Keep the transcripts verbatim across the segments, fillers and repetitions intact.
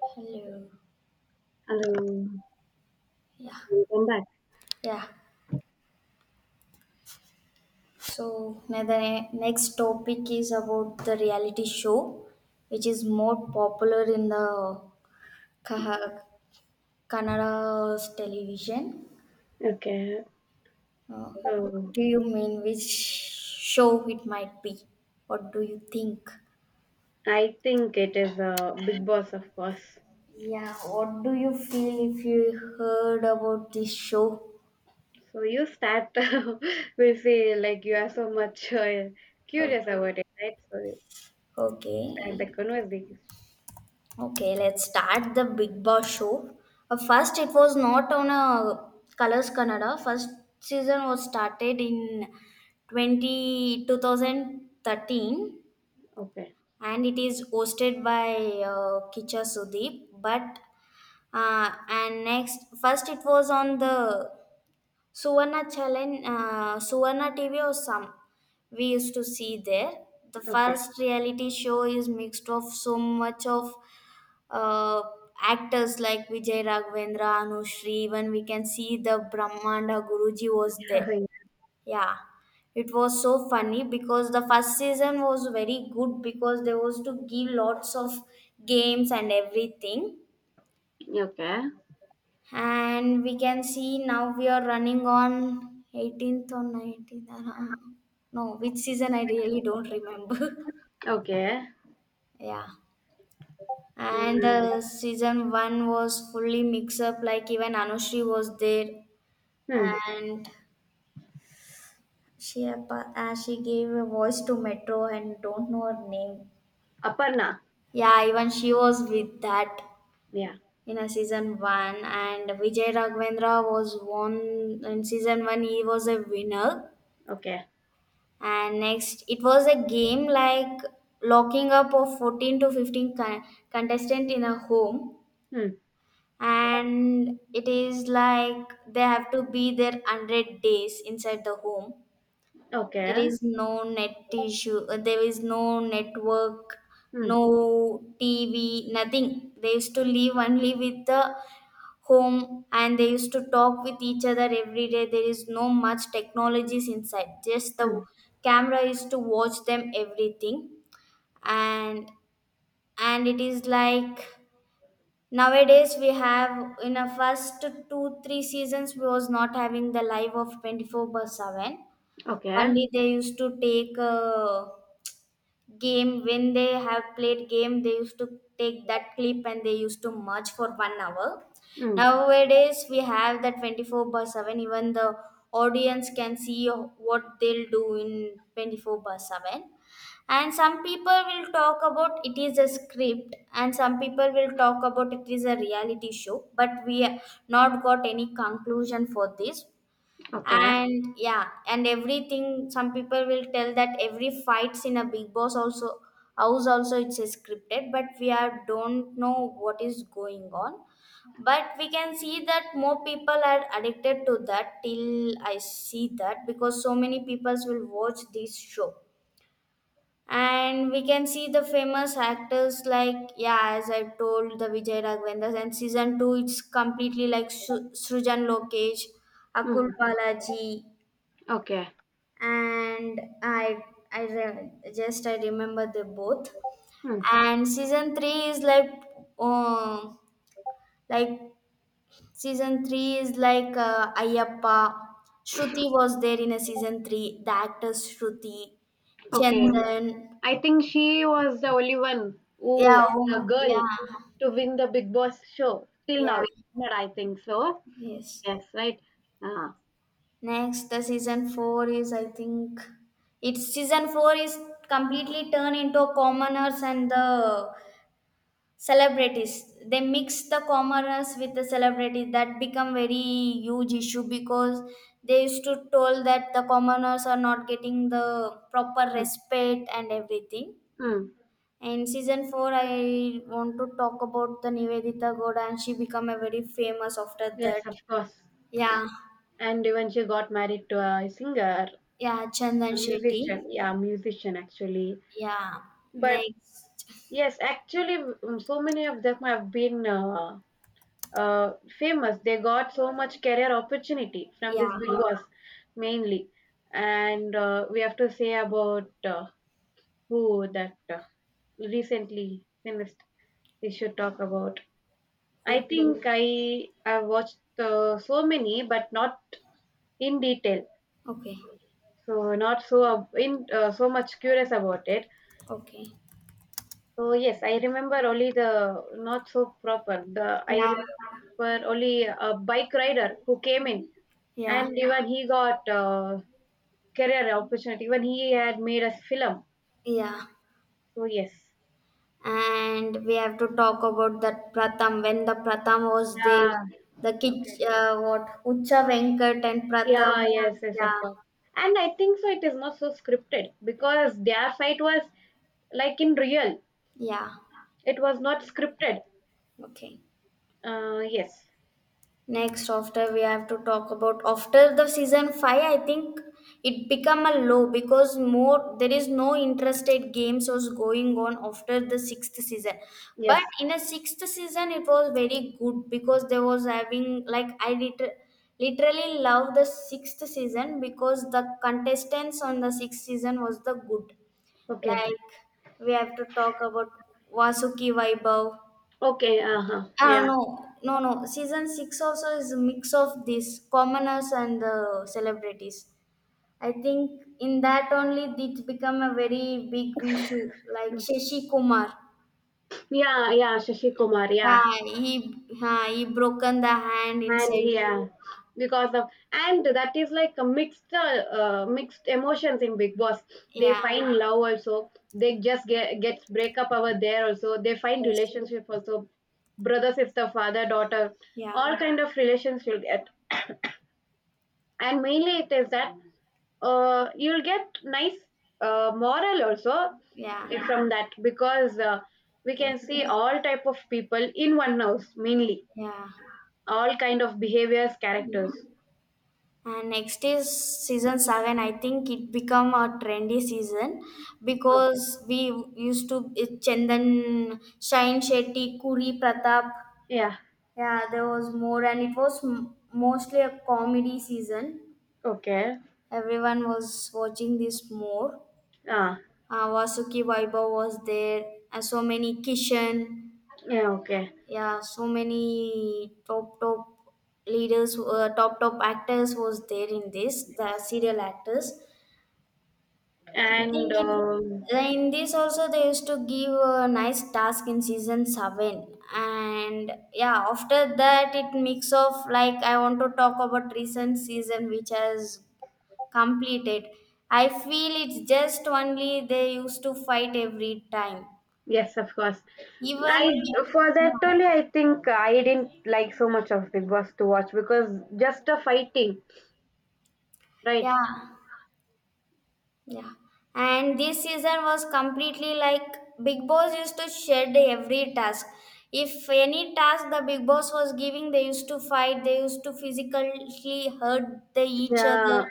Hello. Hello, Yeah. welcome back. Yeah. So now the ne- next topic is about the reality show, which is more popular in the Kaha- Kannada's television. Okay, Uh, what so do you mean? Which show it might be? What do you think? I think it is a Big Boss, of course. Yeah. What do you feel if you heard about this show? So you start. We'll see, like you are so much uh, curious Okay. about it, right? So you Okay. start the conversation. Okay, let's start the Big Boss show. Uh, first, it was not on a Colors Kannada. First season was started in twenty two thousand thirteen, Okay, and it is hosted by uh, Kicha Sudeep. But uh, and next, first it was on the Suvarna Challenge, uh, Suvarna T V or some we used to see there. The okay. first reality show is mixed of so much of uh, actors like Vijay Raghavendra, Anushri, even we can see the Brahmanda Guruji was there. Yeah, it was so funny because the first season was very good because there was to give lots of games and everything. Okay, And we can see now we are running on eighteenth or nineteenth. uh, No, which season I really don't remember. okay. Yeah. and Mm. Uh, season one was fully mix up, like even Anushri was there, Hmm. and she appa- uh, she gave a voice to Metro and don't know her name. Aparna. Yeah, even she was with that Yeah. in a season one. And Vijay Raghavendra was won in season one, he was a winner. Okay. And next, it was a game like locking up of fourteen to fifteen con- contestant in a home, Hmm. and it is like they have to be there hundred days inside the home. There Okay. is no net issue, uh, there is no network, Hmm. no TV, nothing. They used to live only with the home, and they used to talk with each other every day. There is no much technologies inside, just the Hmm. camera is to watch them everything. And and it is like, nowadays we have, in a first two three seasons we was not having the live of twenty-four by seven. Okay. Only they used to take, uh, game, when they have played game, they used to take that clip and they used to merge for one hour. Hmm. Nowadays we have that twenty-four by seven, even the audience can see what they'll do in twenty-four by seven. And some people will talk about it is a script, and some people will talk about it is a reality show, but we are not got any conclusion for this. Okay. And yeah, and everything, some people will tell that every fights in a big boss also house also it's scripted, but we are don't know what is going on. But we can see that more people are addicted to that till I see that, because so many people will watch this show. And we can see the famous actors, like yeah, as I told, the Vijay Raghavendra. And season two, it's completely like Su- Srujan Lokesh, Akul Hmm. Balaji. Okay. And I I re- just I remember they both. Hmm. And season three is like, um like, season three is like, uh, Ayappa. Shruti was there in a season three. The actors Shruti, Okay. Chandan, I think she was the only one who, yeah, the um, girl, yeah, to win the Big Boss show. Till now, yeah, isn't it? I think so. yes. Yes, right. Ah, Next, the season four is, I think it's season four is completely turned into commoners and the celebrities. They mix the commoners with the celebrities, that become very huge issue, because they used to told that the commoners are not getting the proper mm, respect and everything. mm. And season four, I want to talk about the Nivedita Goda, and she become a very famous after Yes, that. of course. Yeah. And even she got married to a singer, Yeah, Chandan a Shetty. musician. Yeah, musician actually. Yeah. But Next. yes, actually, mm, so many of them have been uh, uh, famous. They got so much career opportunity from this Yeah. Big Boss mainly. And uh, we have to say about uh, Oh, that uh, recently finished. We should talk about. I Who? think I I watched uh, so many, but not in detail. Okay. So not so uh, in uh, so much curious about it. Okay. So yes, I remember only the not so proper. The I Yeah, remember only a bike rider who came in, yeah, and even he got uh, career opportunity. Even he had made a film. yeah. So yes. And we have to talk about that Pratham. When the Pratham was there, Yeah. the kitch Okay. uh, what, Ucha Venkat and Pratham. Yeah, yeah. Yes, yes, of Yeah, course. And I think so it is not so scripted because their fight was like in real. yeah, It was not scripted. okay. Uh yes. Next, after, we have to talk about after the season five. I think it become a low because more there is no interstate games was going on after the sixth season. But Yes. in a sixth season, it was very good, because there was having like, I liter- literally love the sixth season because the contestants on the sixth season was the good. Okay. Like we have to talk about Vasuki Vaibhav. Okay, uh-huh. Ah, Yeah. no, no, no. Season six also is a mix of these commoners and the celebrities. I think in that only it become a very big issue. Like Shashi Kumar, Yeah, yeah, Shashi Kumar, yeah. yeah, he, yeah, he broken the hand And inside. yeah. Because of and that is like a mixed uh, uh, mixed emotions in Big Boss. They Yeah, find love also. They just get gets breakup over there also. They find yes, relationship also. Brother, sister, father, daughter, yeah, all kind of relations you'll get, and mainly it is that uh, you'll get nice uh, moral also yeah, from that, because uh, we can see all type of people in one house, mainly yeah. all kind of behaviors, characters. And next is season seven. I think it become a trendy season Okay. because we used to it Chandan, Shine Shetty, Kuri Pratap. Yeah. Yeah, there was more, and it was m- mostly a comedy season. Okay. Everyone was watching this more. Ah, Uh, Vasuki Vaibhav was there, and so many Kishan. yeah. Okay. Yeah, so many top top leaders, uh, top top actors was there in this. The serial actors, I And think it, um, in this also they used to give a nice task in season seven. And yeah, after that, it mix of like, I want to talk about recent season which has completed. I feel it's just only they used to fight every time, yes, of course. I even For that yeah, only, I think I didn't like so much of Big Boss to watch, because just the fighting, right? yeah. Yeah. And this season was completely like Big Boss used to shed every task. If any task the Big Boss was giving, they used to fight, they used to physically hurt the each other. Yeah,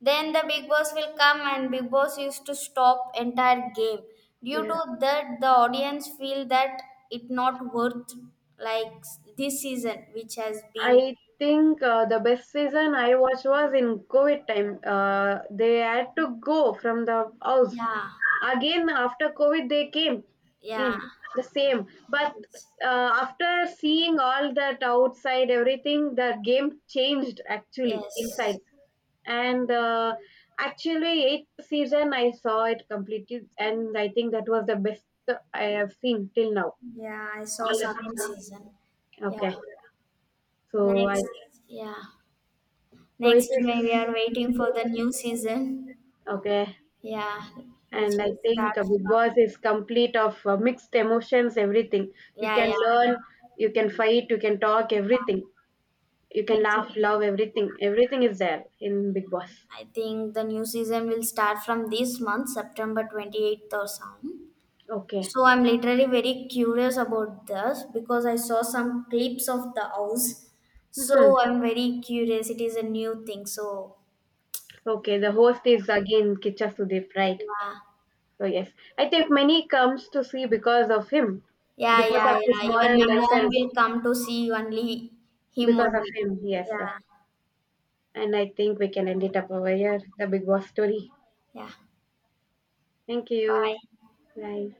Then the Big Boss will come and Big Boss used to stop entire game. Due yeah. to that, the audience feel that it not worth, like this season, which has been, I think uh, the best season I watched was in COVID time. Uh, they had to go from the house yeah, again after COVID. They came yeah, in the same, but yes. uh, after seeing all that outside, everything, the game changed actually Yes. inside. And uh, actually, eighth season I saw it completely, and I think that was the best I have seen till now. Yeah, I saw All the- seven season. Yeah. Okay, so I Next, yeah. So it Next, is we we are waiting for the new season. okay. Yeah, which And I will start think uh, Big from, Boss is complete of uh, mixed emotions, everything. You yeah, can yeah. learn, you can fight, you can talk, everything. You can It, laugh, love, everything. Everything is there in Big Boss. I think the new season will start from this month, September twenty-eighth or some. Okay. So I'm literally very curious about this because I saw some clips of the house. Hmm. So I'm very curious. It is a new thing. So, Okay, the host is again Kicha Sudeep, right? yeah. So yes, I think many comes to see because of him, Yeah, because yeah, of yeah. his Even moral my mom lessons, will come to see only him because of only. him. Yes, sir. Yeah, And I think we can end it up over here, the Big Boss story. yeah. Thank you. Bye. Bye.